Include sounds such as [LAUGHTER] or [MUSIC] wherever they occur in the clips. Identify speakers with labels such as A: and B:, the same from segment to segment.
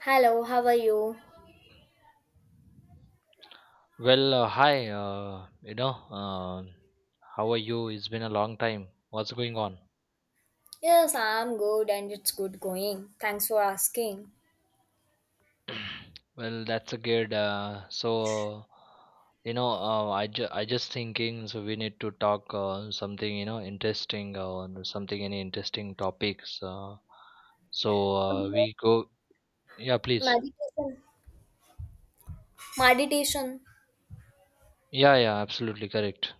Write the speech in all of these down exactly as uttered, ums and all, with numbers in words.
A: Hello, how are you?
B: Well, uh, hi, uh, you know, uh, how are you? It's been a long time. What's going on?
A: Yes, I'm good and it's good going. Thanks for asking.
B: [CLEARS THROAT] Well, that's a good. Uh, so, you know, uh, I ju I just thinking. So we need to talk uh, something, you know, interesting or something any interesting topics. Uh, so uh, we
A: About
B: go. Yeah, please.
A: meditation. Meditation.
B: Yeah, yeah, absolutely correct.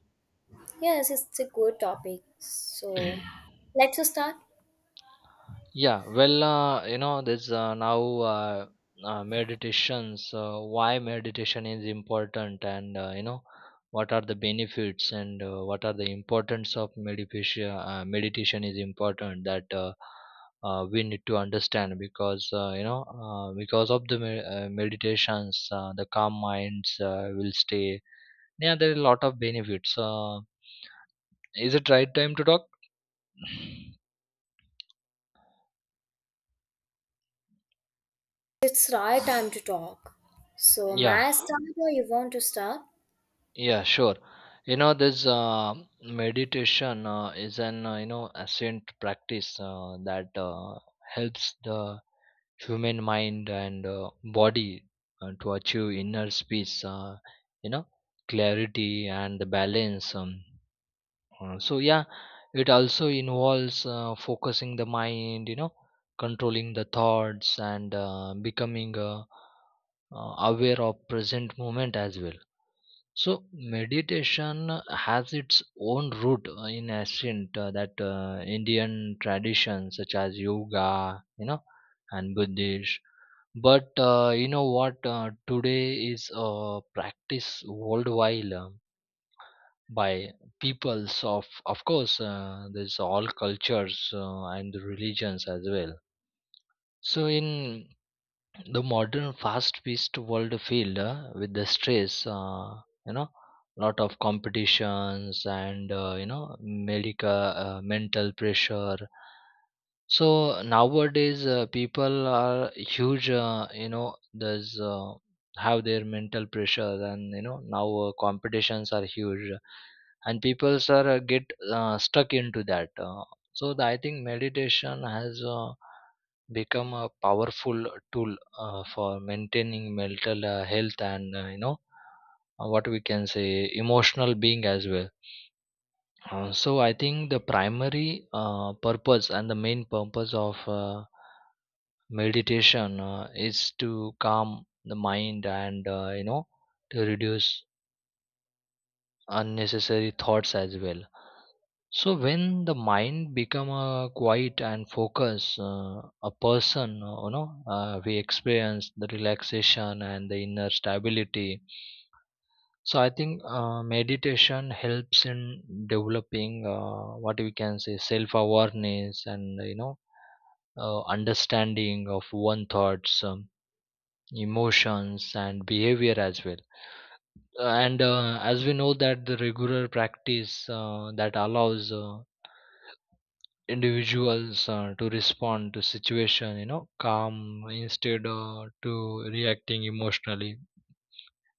A: Yes, it's a good topic. So
B: [CLEARS THROAT]
A: let's start.
B: Yeah, well, uh, you know, there's uh, now uh, uh, meditation. So, why meditation is important, and uh, you know, what are the benefits, and uh, what are the importance of meditation? Uh, meditation is important that uh, uh, we need to understand because uh, you know, uh, because of the me- uh, meditations, uh, the calm minds uh, will stay. Yeah, there are a lot of benefits. Uh, is it right time to talk?
A: It's right time to talk. So may
B: Yeah.
A: I start or you want to start?
B: Yeah, sure. You know, this uh, meditation uh, is an uh, you know ancient practice uh, that uh, helps the human mind and uh, body uh, to achieve inner peace. Uh, you know, Clarity and the balance. Um, uh, so yeah, it also involves uh, focusing the mind. You know, controlling the thoughts and uh, becoming uh, uh, aware of present moment as well. So meditation has its own root uh, in ancient uh, that uh, Indian traditions such as yoga, you know, and Buddhist. But uh, you know what? Uh, today is a practice worldwide uh, by peoples of, of course, uh, there's all cultures uh, and religions as well. So in the modern fast-paced world filled uh, with the stress, uh, you know lot of competitions and uh, you know medical uh, mental pressure. So nowadays, uh, people are huge. Uh, you know, there's uh, have their mental pressure, and you know now uh, competitions are huge, and people are uh, get uh, stuck into that. Uh, so the, I think meditation has uh, become a powerful tool uh, for maintaining mental uh, health and uh, you know uh, what we can say emotional being as well. Uh, so I think the primary uh, purpose and the main purpose of uh, meditation uh, is to calm the mind and uh, you know to reduce unnecessary thoughts as well. So when the mind become uh, quiet and focus, uh, a person, uh, you know uh, we experience the relaxation and the inner stability. So I think uh, meditation helps in developing uh, what we can say self awareness and you know uh, understanding of one thoughts, um, emotions, and behavior as well. And uh, as we know that the regular practice uh, that allows uh, individuals uh, to respond to situation, you know, calm instead uh, to reacting emotionally.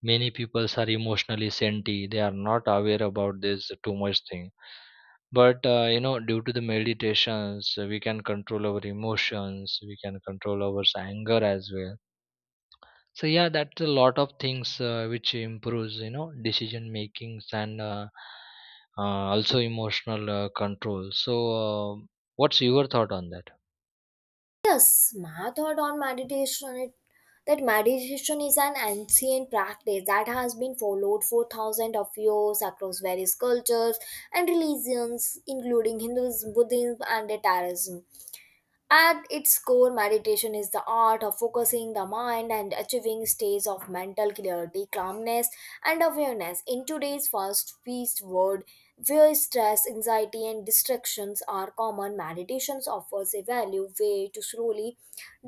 B: Many peoples are emotionally senti they are not aware about this too much thing, but uh, you know due to the meditations uh, we can control our emotions, we can control our s- anger as well. So yeah, that's a lot of things uh, which improves you know decision makings and uh, uh, also emotional uh, control. So uh, what's your thought on that?
A: Yes, my thought on meditation it, that meditation is an ancient practice that has been followed for thousands of years across various cultures and religions, including Hinduism, Buddhism, and the Taoism. At its core, meditation is the art of focusing the mind and achieving states of mental clarity, calmness, and awareness. In today's fast-paced world, where stress, anxiety, and distractions are common, meditation offers a value way to slowly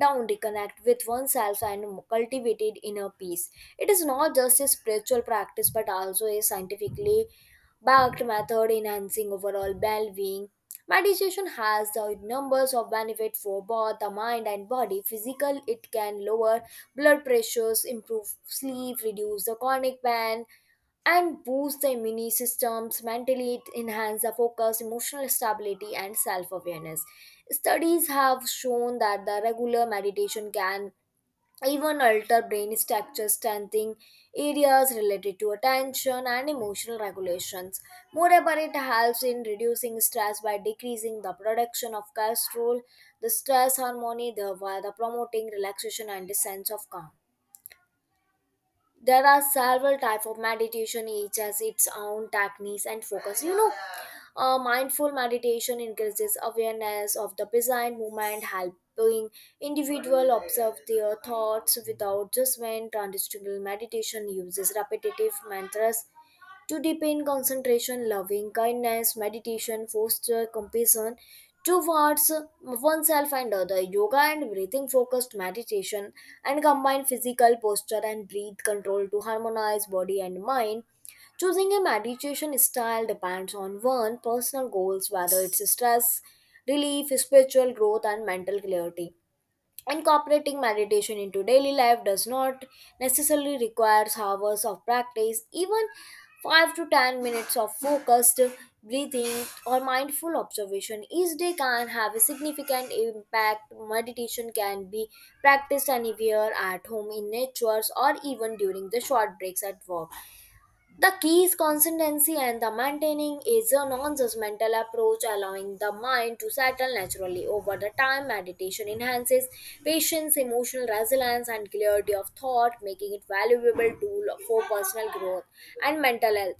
A: down, reconnect with oneself, and cultivate inner peace. It is not just a spiritual practice, but also a scientifically backed method enhancing overall well-being. Meditation has the numbers of benefit for both the mind and body. Physical, it can lower blood pressures, improve sleep, reduce the chronic pain, and boost the immune systems mentally. It enhances the focus, emotional stability, and self-awareness. Studies have shown that the regular meditation can even alter brain structure, strengthening areas related to attention and emotional regulations. Moreover, it helps in reducing stress by decreasing the production of cortisol, the stress hormone, thereby the promoting relaxation and a sense of calm. There are several types of meditation, each has its own techniques and focus. You know uh, mindful meditation increases awareness of the present moment, helping individual observe their thoughts without judgment. Transcendental meditation uses repetitive mantras to deepen concentration. Loving kindness, meditation, foster compassion towards oneself and other. Yoga and breathing focused meditation and combine physical posture and breath control to harmonize body and mind. Choosing a meditation style depends on one personal goals, whether it's stress relief, spiritual growth, and mental clarity. Incorporating meditation into daily life does not necessarily require hours of practice. Even five to ten minutes of focused breathing or mindful observation each day can have a significant impact. Meditation can be practiced anywhere, at home, in nature, or even during the short breaks at work. The key is consistency and the maintaining is a non-judgmental approach, allowing the mind to settle naturally over the time. Meditation enhances patience, emotional resilience, and clarity of thought, making it valuable tool for personal growth and mental health.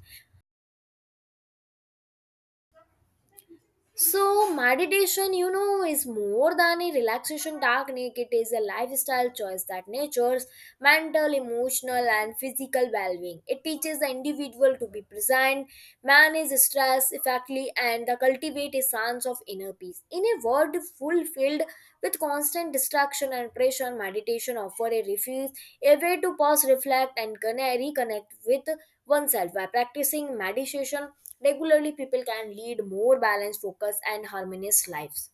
A: So, meditation, you know, is more than a relaxation technique. It is a lifestyle choice that nurtures mental, emotional, and physical well being. It teaches the individual to be present, manage stress effectively, and cultivate a sense of inner peace. In a world fulfilled with constant distraction and pressure, meditation offers a refuge, a way to pause, reflect, and conne- reconnect with oneself. By practicing meditation regularly, people can lead more balanced, focused, and harmonious lives.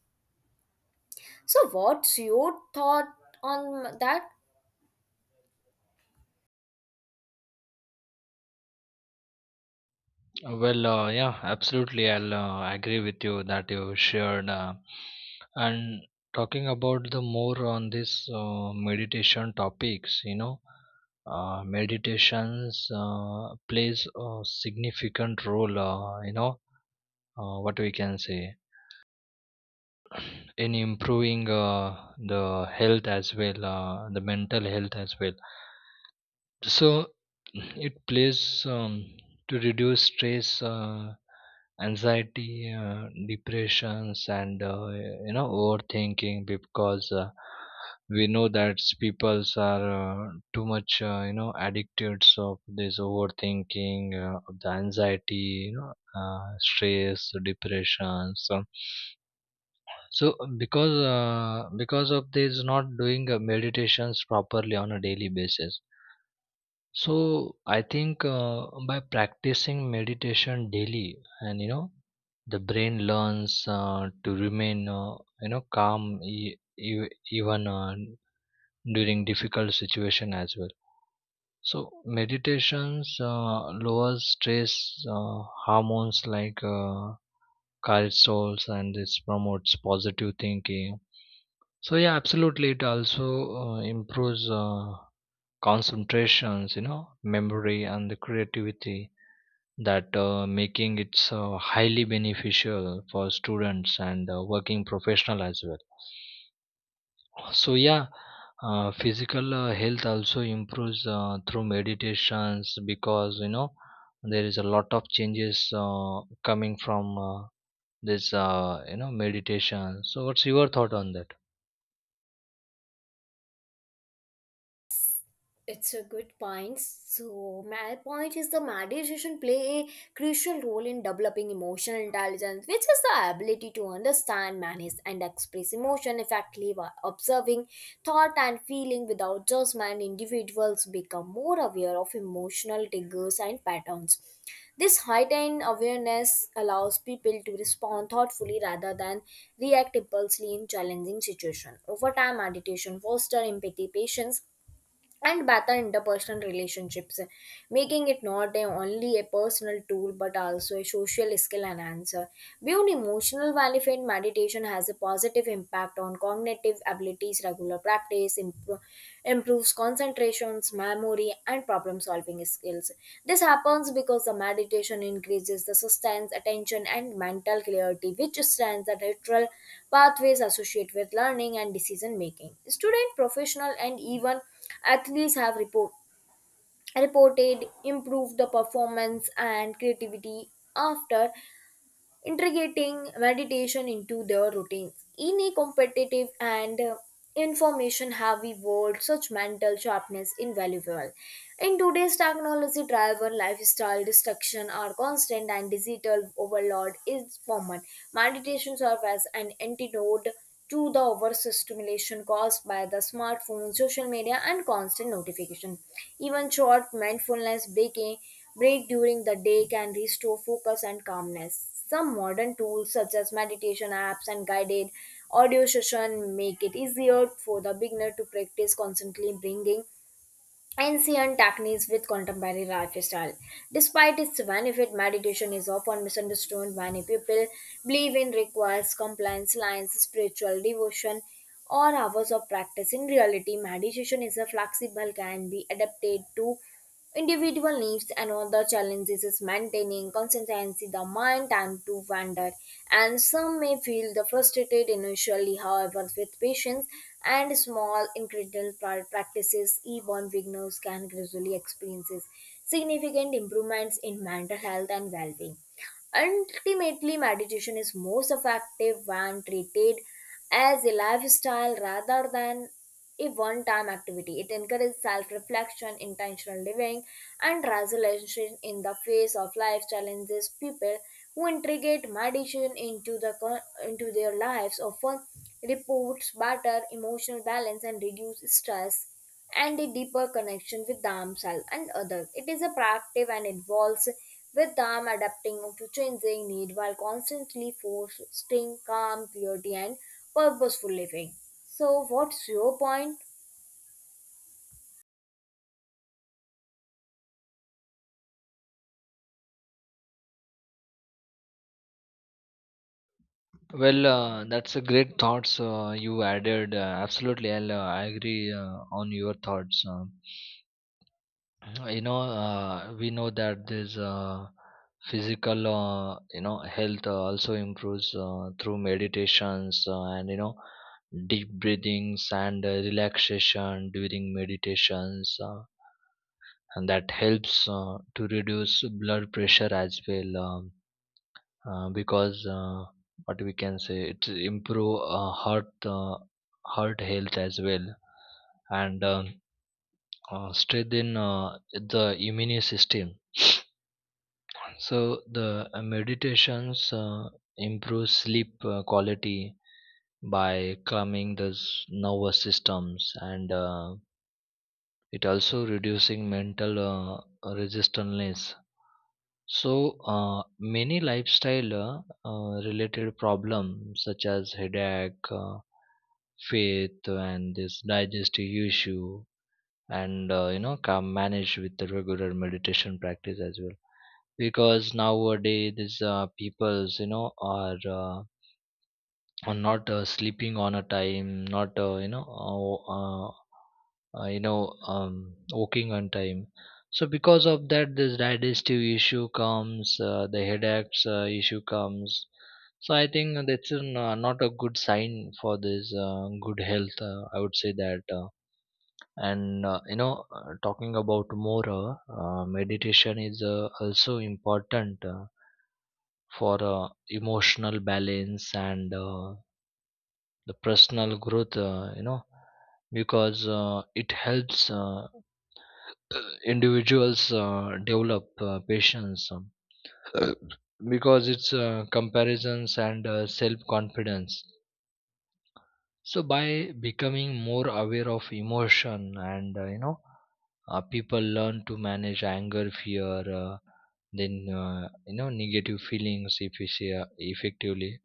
A: So, what's your thought on that?
B: Uh, Well, uh, yeah, absolutely. I'll uh, agree with you that you shared. Uh, and talking about the more on this uh, meditation topics, you know, uh, meditations uh, plays a significant role. Uh, you know, uh, what we can say in improving uh, the health as well, uh, the mental health as well. So it plays, um, to reduce stress, uh, anxiety, uh, depressions and uh, you know overthinking, because uh, we know that peoples are uh, too much uh, you know addicted of this overthinking, uh, of the anxiety, you know uh, stress depression. So so because uh, because of this not doing uh, meditations properly on a daily basis. So I think uh, by practicing meditation daily, and you know, the brain learns uh, to remain, uh, you know, calm e- e- even uh, during difficult situation as well. So meditations uh, lowers stress uh, hormones like uh, cortisols, and this promotes positive thinking. So yeah, absolutely, it also uh, improves uh, concentrations, you know, memory and the creativity, that uh, making it so highly beneficial for students and uh, working professional as well. So yeah, uh, physical uh, health also improves uh, through meditations, because you know there is a lot of changes uh, coming from uh, this uh, you know meditation. So what's your thought on that?
A: It's a good point. So my point is the meditation play a crucial role in developing emotional intelligence, which is the ability to understand, manage, and express emotion effectively by observing thought and feeling without judgment. Individuals become more aware of emotional triggers and patterns. This heightened awareness allows people to respond thoughtfully rather than react impulsively in challenging situations. Over time, meditation fosters empathy, patience, and better interpersonal relationships, making it not a, only a personal tool but also a social skill enhancer. Beyond emotional benefit, meditation has a positive impact on cognitive abilities. Regular practice impro- improves concentrations, memory, and problem-solving skills. This happens because the meditation increases the sustained attention and mental clarity, which strengthens the natural pathways associated with learning and decision making. Student, professional, and even athletes have report, reported improved the performance and creativity after integrating meditation into their routines. In a competitive and uh, information heavy world, such mental sharpness invaluable. In today's technology driven lifestyle, distraction are constant and digital overload is common. Meditation serves as an antidote to the overstimulation caused by the smartphone, social media, and constant notification. Even short mindfulness breaking break during the day can restore focus and calmness. Some modern tools such as meditation apps and guided audio session make it easier for the beginner to practice constantly, bringing ancient techniques with contemporary lifestyle. Despite its benefit, meditation is often misunderstood. Many people believe it requires compliance lines, spiritual devotion, or hours of practice. In reality, meditation is a flexible, can be adapted to individual needs. Another challenge is maintaining consistency, the mind time to wander and some may feel the frustrated initially. However, with patience and small incremental pra- practices, even beginners can gradually experience significant improvements in mental health and well-being. Ultimately, meditation is most effective when treated as a lifestyle rather than a one time activity. It encourages self reflection, intentional living, and resolution in the face of life challenges. People who integrate meditation into, the, co- into their lives often report better emotional balance and reduce stress and a deeper connection with themselves and others. It is a proactive and involves with them adapting to changing need while constantly fostering calm, purity, and purposeful living. So, what's your point?
B: Well, uh, that's a great thoughts uh, you added, uh, absolutely, i'll uh, I agree uh, on your thoughts. Um you know uh, we know that this uh, physical, uh, you know health uh, also improves uh, through meditations, uh, and you know deep breathings and uh, relaxation during meditations, uh, and that helps uh, to reduce blood pressure as well. Um, uh, because uh, what we can say it improve uh, heart uh, heart health as well, and um, uh, strengthen uh, the immune system. So the uh, meditations uh, improve sleep uh, quality by calming the s- nervous systems, and uh, it also reducing mental uh, resistance. So uh, many lifestyle uh, uh, related problems such as headache, uh, faith, and this digestive issue, and uh, you know can manage with the regular meditation practice as well. Because nowadays these uh, peoples you know are uh, are not uh, sleeping on a time, not uh, you know uh, uh, uh, you know um, walking on time. So because of that this digestive issue comes, uh, the headaches uh, issue comes. So I think that's an, uh, not a good sign for this uh, good health, uh, I would say that, uh, and uh, you know uh, talking about more, uh, uh, meditation is uh, also important uh, for uh, emotional balance and uh, the personal growth. Uh, you know because uh, it helps uh, individuals uh, develop uh, patience, um, [CLEARS THROAT] because it's uh, comparisons and uh, self confidence. So by becoming more aware of emotion and uh, you know uh, people learn to manage anger, fear, uh, then uh, you know negative feelings effici- effectively.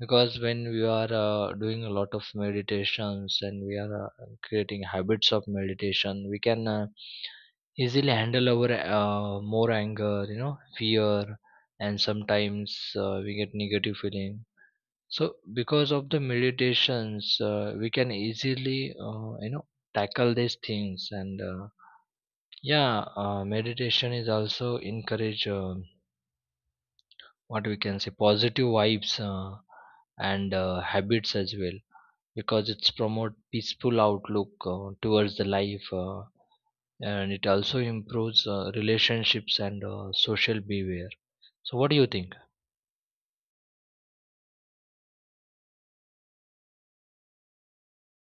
B: Because when we are uh, doing a lot of meditations and we are uh, creating habits of meditation, we can uh, easily handle our uh, more anger, you know fear, and sometimes uh, we get negative feeling. So because of the meditations uh, we can easily uh, you know tackle these things, and uh, yeah, uh, meditation is also encourage, um what we can say positive vibes uh, and uh, habits as well, because it's promote peaceful outlook uh, towards the life, uh, and it also improves uh, relationships and uh, social behavior. So what do you think?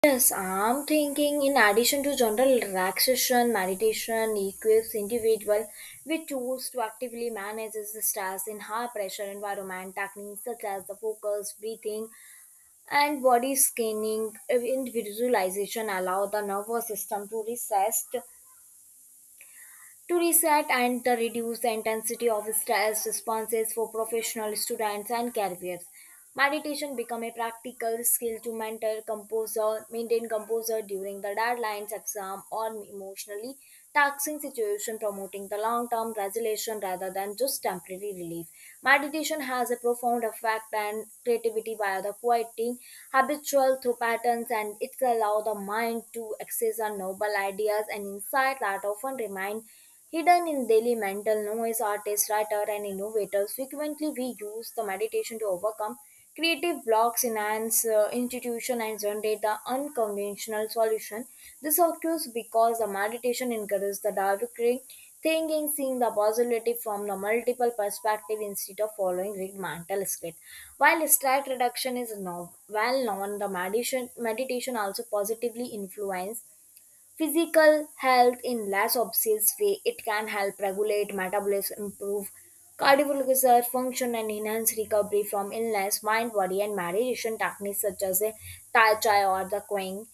A: Yes, I'm thinking in addition to general relaxation, meditation equips individual with tools to actively manage the stress in high pressure environment. Techniques such as the focus, breathing, and body scanning and visualization allow the nervous system to reset to reset and the reduce the intensity of stress responses for professional students and caregivers. Meditation become a practical skill to mentor composer, maintain composer during the deadlines, exam, or emotionally taxing situation, promoting the long-term resolution rather than just temporary relief. Meditation has a profound effect on creativity by the quieting habitual through patterns, and it allows the mind to access our noble ideas and insights that often remain hidden in daily mental noise. Artists, writers, and innovators frequently we use the meditation to overcome creative blocks, enhance uh, institution, and generate the unconventional solution. This occurs because the meditation encourages the diversity thinking, seeing the possibility from the multiple perspective instead of following rigid mental script. While stress reduction is no, well known, the meditation, meditation also positively influence physical health. In less obvious way, it can help regulate metabolism, improve cardiovascular function, and enhance recovery from illness. Mind, body, and meditation techniques such as a Tai Chi or the Qing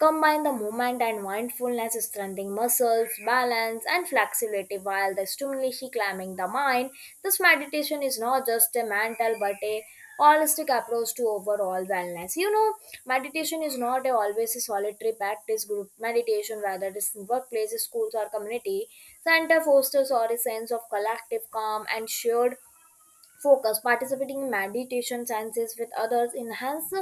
A: combine the movement and mindfulness, strengthening muscles, balance, and flexibility while the stimulation climbing the mind. This meditation is not just a mental but a holistic approach to overall wellness. You know, meditation is not a always a solitary practice. Group meditation, whether it is in workplaces, schools, or community center, fosters or a sense of collective calm and shared focus. Participating in meditation sciences with others enhance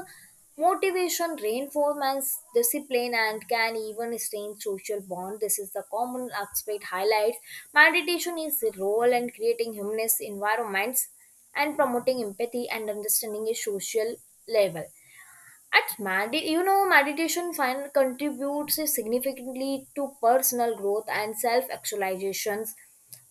A: motivation, reinforce discipline and can even strengthen social bond. This is the common aspect highlights meditation is the role in creating humanist environments and promoting empathy and understanding a social level. At medi- you know, Meditation find contributes significantly to personal growth and self-actualizations.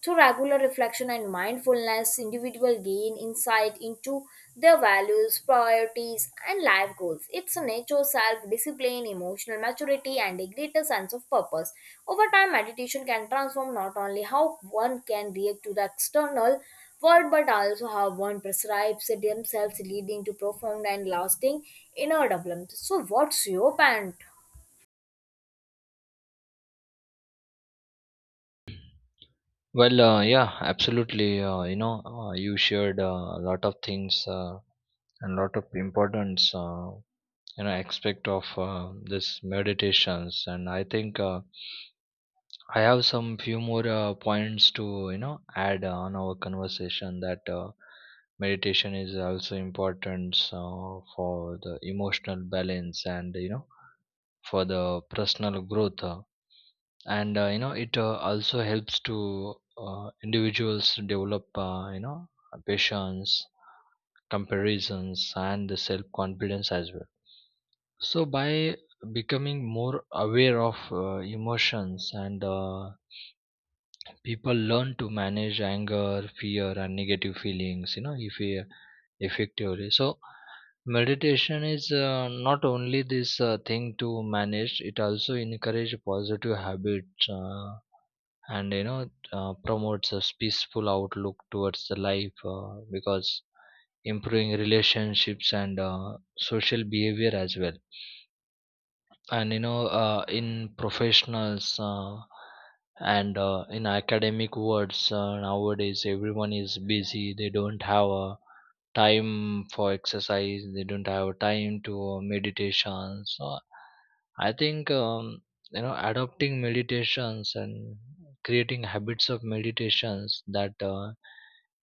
A: Through regular reflection and mindfulness, individual gain insight into their values, priorities, and life goals. It's a nature, self-discipline, emotional maturity, and a greater sense of purpose. Over time, meditation can transform not only how one can react to the external word but also how one prescribes themselves, leading to profound and lasting inner development. So, what's your point?
B: Well, uh, yeah, absolutely, uh, you know uh, you shared uh, a lot of things uh, and lot of importance, uh, you know aspect of uh, this meditations, and I think uh, I have some few more uh, points to you know add on our conversation, that uh, meditation is also important uh, for the emotional balance and you know for the personal growth, uh, and uh, you know it uh, also helps to uh, individuals to develop uh, you know patience, comparisons, and the self confidence as well. So by becoming more aware of uh, emotions, and uh, people learn to manage anger, fear and negative feelings, you know if we effectively, so meditation is uh, not only this uh, thing to manage, it also encourage positive habits, uh, and you know uh, promotes a peaceful outlook towards the life, uh, because improving relationships and uh, social behavior as well. And you know uh, in professionals uh, and uh, in academic worlds, uh, nowadays everyone is busy, they don't have uh, time for exercise, they don't have time to uh, meditation. So I think, um, you know adopting meditations and creating habits of meditations that uh,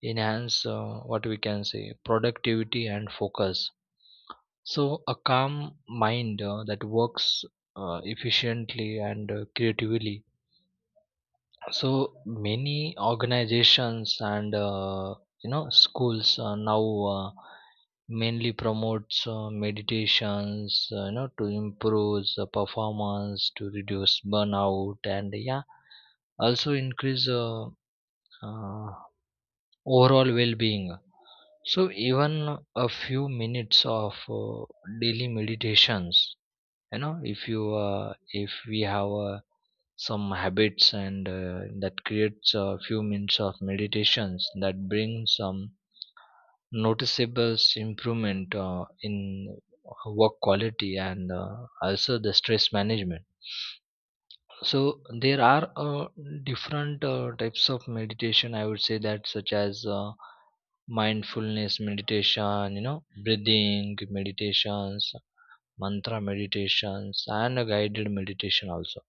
B: enhance uh, what we can say productivity and focus. So, a calm mind uh, that works uh, efficiently and uh, creatively. So, many organizations and uh, you know schools uh, now uh, mainly promotes uh, meditations, uh, you know, to improve the performance, to reduce burnout, and yeah, also increase uh, uh, overall well-being. So, even a few minutes of uh, daily meditations, you know if you uh, if we have uh, some habits and uh, that creates a few minutes of meditations that brings some noticeable improvement uh, in work quality and uh, also the stress management. So there are uh, different uh, types of meditation, I would say, that such as uh, mindfulness meditation, you know breathing meditations, mantra meditations and a guided meditation also.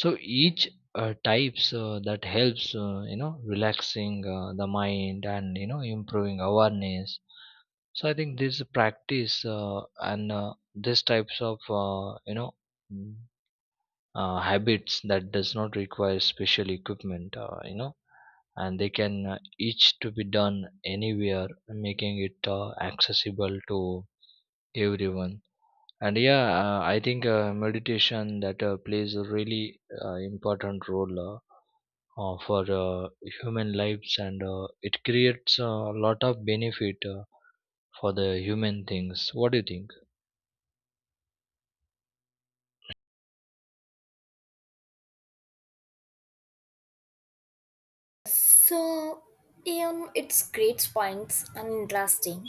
B: So each uh, types uh, that helps, uh, you know relaxing uh, the mind and you know improving awareness. So I think this practice uh, and uh, these types of, uh, you know mm, uh, habits that does not require special equipment, uh, you know and they can uh, each to be done anywhere, making it uh, accessible to everyone. And yeah, uh, I think uh, meditation that uh, plays a really uh, important role uh, uh, for uh, human lives and uh, it creates a lot of benefit uh, for the human things. What do you think?
A: So, um, it's great points and interesting.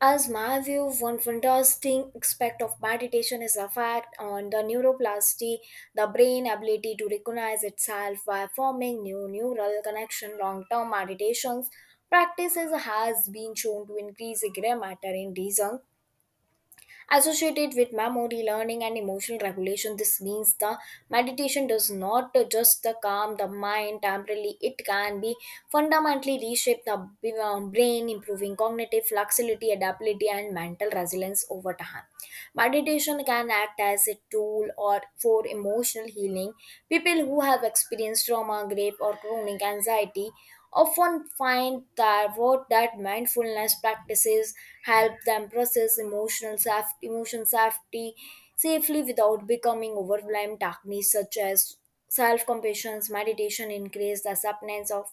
A: As my view, one fantastic aspect of meditation is the fact on the neuroplasticity, the brain ability to recognize itself by forming new neural connection. Long-term meditations practices has been shown to increase gray matter in reason associated with memory, learning, and emotional regulation. This means the meditation does not just calm the mind temporarily, it can be fundamentally reshape the b- um, brain, improving cognitive flexibility, adaptability, and mental resilience over time. Meditation can act as a tool or for emotional healing. People who have experienced trauma, grief, or chronic anxiety often find that wrote that mindfulness practices help them process emotional saf- emotion safety safely without becoming overwhelmed. Techniques such as self-compassion, meditation increase the acceptance of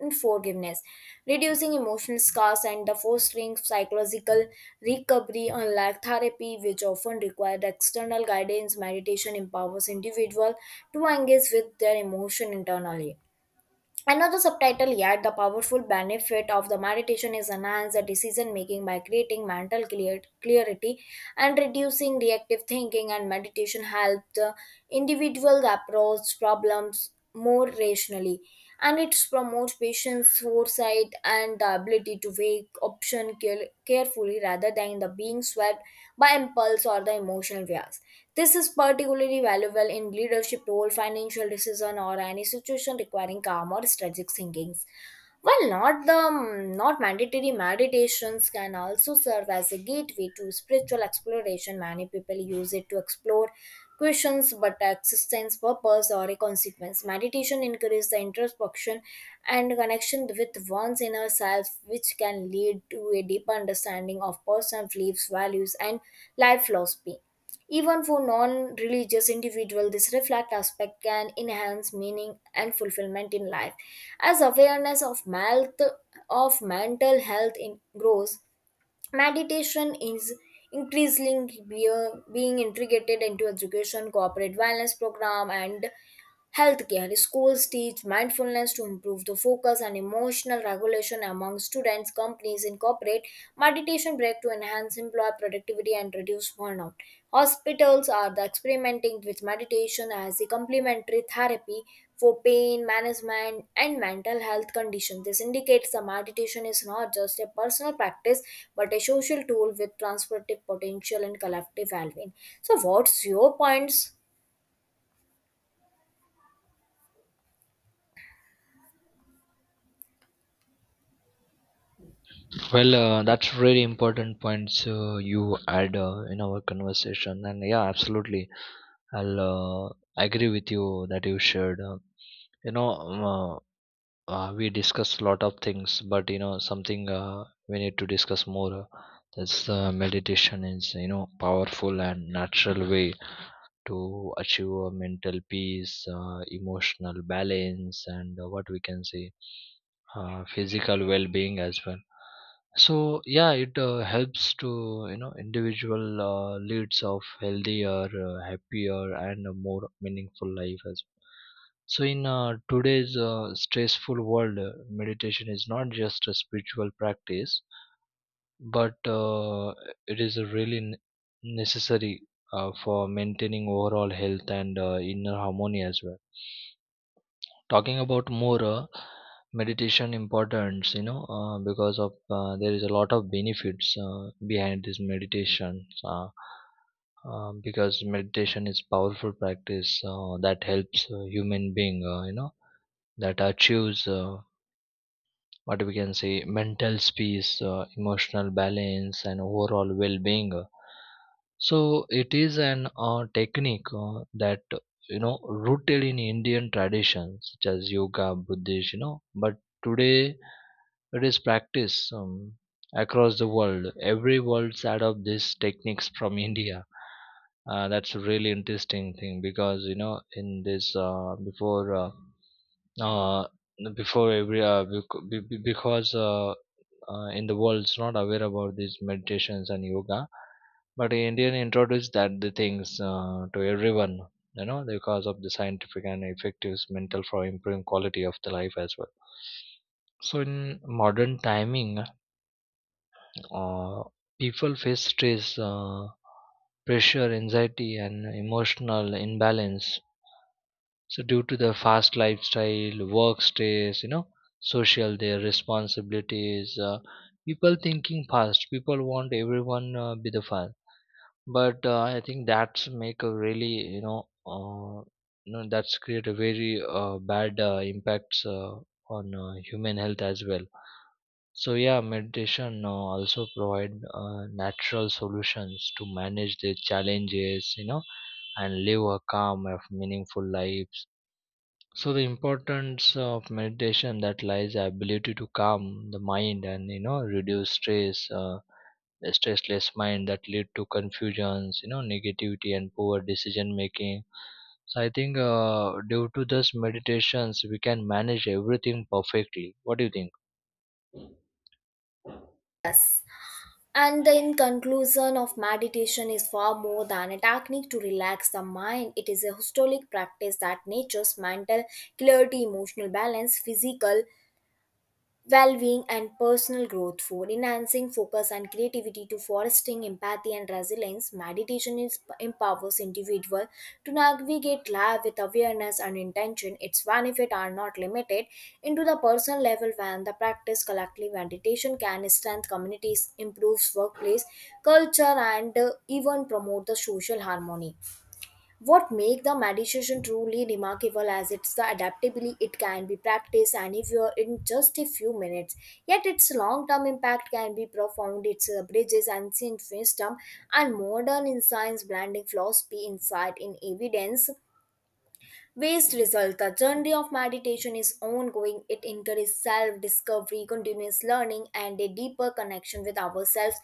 A: and forgiveness, reducing emotional scars and the fostering psychological recovery. Unlike therapy which often required external guidance, meditation empowers individuals to engage with their emotion internally. Another subtitle yet the powerful benefit of the meditation is enhance the decision making by creating mental clear- clarity and reducing reactive thinking. And meditation helps the individual approach problems more rationally, and it promotes promotes patience, foresight, and the ability to weigh option care- carefully rather than the being swept by impulse or the emotional bias. This is particularly valuable in leadership role, financial decision, or any situation requiring calm or strategic thinking. While not the um, not mandatory, meditations can also serve as a gateway to spiritual exploration. Many people use it to explore questions but existence, purpose, or a consequence. Meditation encourages the introspection and connection with one's inner self, which can lead to a deeper understanding of personal beliefs, values, and life philosophy. Even for non religious individuals, this reflect aspect can enhance meaning and fulfillment in life. As awareness of, malt, of mental health in, grows, meditation is increasingly being, being integrated into education, corporate wellness program, and healthcare. Schools teach mindfulness to improve the focus and emotional regulation among students. Companies incorporate meditation break to enhance employee productivity and reduce burnout. Hospitals are the experimenting with meditation as a complementary therapy for pain management and mental health conditions. This indicates the meditation is not just a personal practice but a social tool with transformative potential and collective well-being. So, what's your points?
B: Well, uh, that's really important points uh, you add uh, in our conversation, and yeah, absolutely, I'll uh, agree with you that you shared, uh, you know um, uh, uh, we discussed a lot of things, but you know something uh, we need to discuss more, uh, that's uh, meditation is you know powerful and natural way to achieve a mental peace, uh, emotional balance, and uh, what we can say, uh, physical well-being as well. So yeah, it uh, helps to you know individual uh, leads of healthier, uh, happier, and a more meaningful life as well. So in uh, today's uh, stressful world, uh, meditation is not just a spiritual practice but uh, it is really n- necessary uh, for maintaining overall health and uh, inner harmony as well. Talking about more, uh, meditation importance, you know uh, because of uh, there is a lot of benefits uh, behind this meditation, uh, uh, because meditation is powerful practice uh, that helps uh, human being, uh, you know that achieves uh, what we can say mental peace, uh, emotional balance and overall well-being. So it is an uh, technique uh, that, you know rooted in Indian traditions such as yoga, Buddhism, you know but today it is practiced, um, across the world, every world side of these techniques from India. Uh, that's a really interesting thing because you know in this uh, before, uh, uh, before every uh, bec- be- be- because uh, uh, in the world it's not aware about these meditations and yoga, but Indian introduced that the things uh, to everyone, you know because of the scientific and effective mental for improving quality of the life as well. So in modern timing, uh, people face stress, uh, pressure, anxiety and emotional imbalance. So due to the fast lifestyle, work stress, you know, social their responsibilities, uh, people thinking fast. People want everyone uh, be the fast. But uh, I think that's make a really, you know, uh, you know that's create a very uh, bad uh, impacts uh, on uh, human health as well. So yeah, meditation uh, also provide uh, natural solutions to manage the challenges, you know, and live a calm, and meaningful lives. So the importance of meditation that lies the ability to calm the mind and you know reduce stress, uh, a stressless mind that lead to confusions, you know negativity and poor decision making. So I think uh, due to this meditations we can manage everything perfectly. What do you think?
A: And the in conclusion of meditation is far more than a technique to relax the mind. It is a holistic practice that natures mental clarity, emotional balance, physical well-being and personal growth for enhancing focus and creativity to fostering empathy and resilience. Meditation is, empowers individual to navigate life with awareness and intention. Its benefits are not limited into the personal level. When the practice collectively, meditation can strengthen communities, improves workplace culture and uh, even promote the social harmony. What makes the meditation truly remarkable as it's the adaptability, it can be practiced anywhere in just a few minutes. Yet its long-term impact can be profound. It uh, bridges ancient wisdom and modern insights, blending philosophy, insight, in evidence. Waste result. The journey of meditation is ongoing. It encourages self discovery, continuous learning, and a deeper connection with ourselves,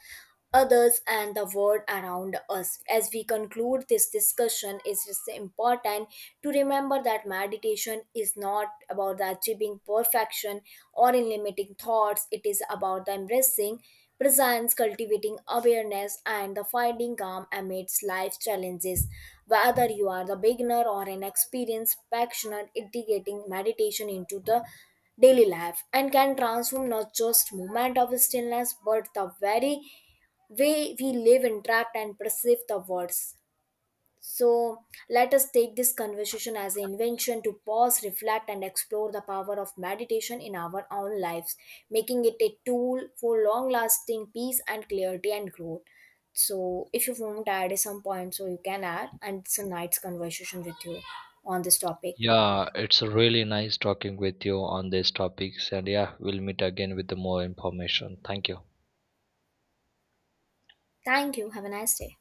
A: others, and the world around us. As we conclude this discussion, it is important to remember that meditation is not about the achieving perfection or eliminating thoughts. It is about the embracing presents, cultivating awareness and the finding calm amidst life's challenges. Whether you are the beginner or an experienced practitioner, integrating meditation into the daily life and can transform not just moment of stillness but the very way we live, interact, and perceive the words. So, let us take this conversation as an invention to pause, reflect, and explore the power of meditation in our own lives, making it a tool for long lasting peace and clarity and growth. So, if you want to add some points, so you can add, and it's a nice conversation with you on this topic.
B: Yeah, it's really nice talking with you on these topics, and yeah, we'll meet again with the more information. Thank you.
A: Thank you. Have a nice day.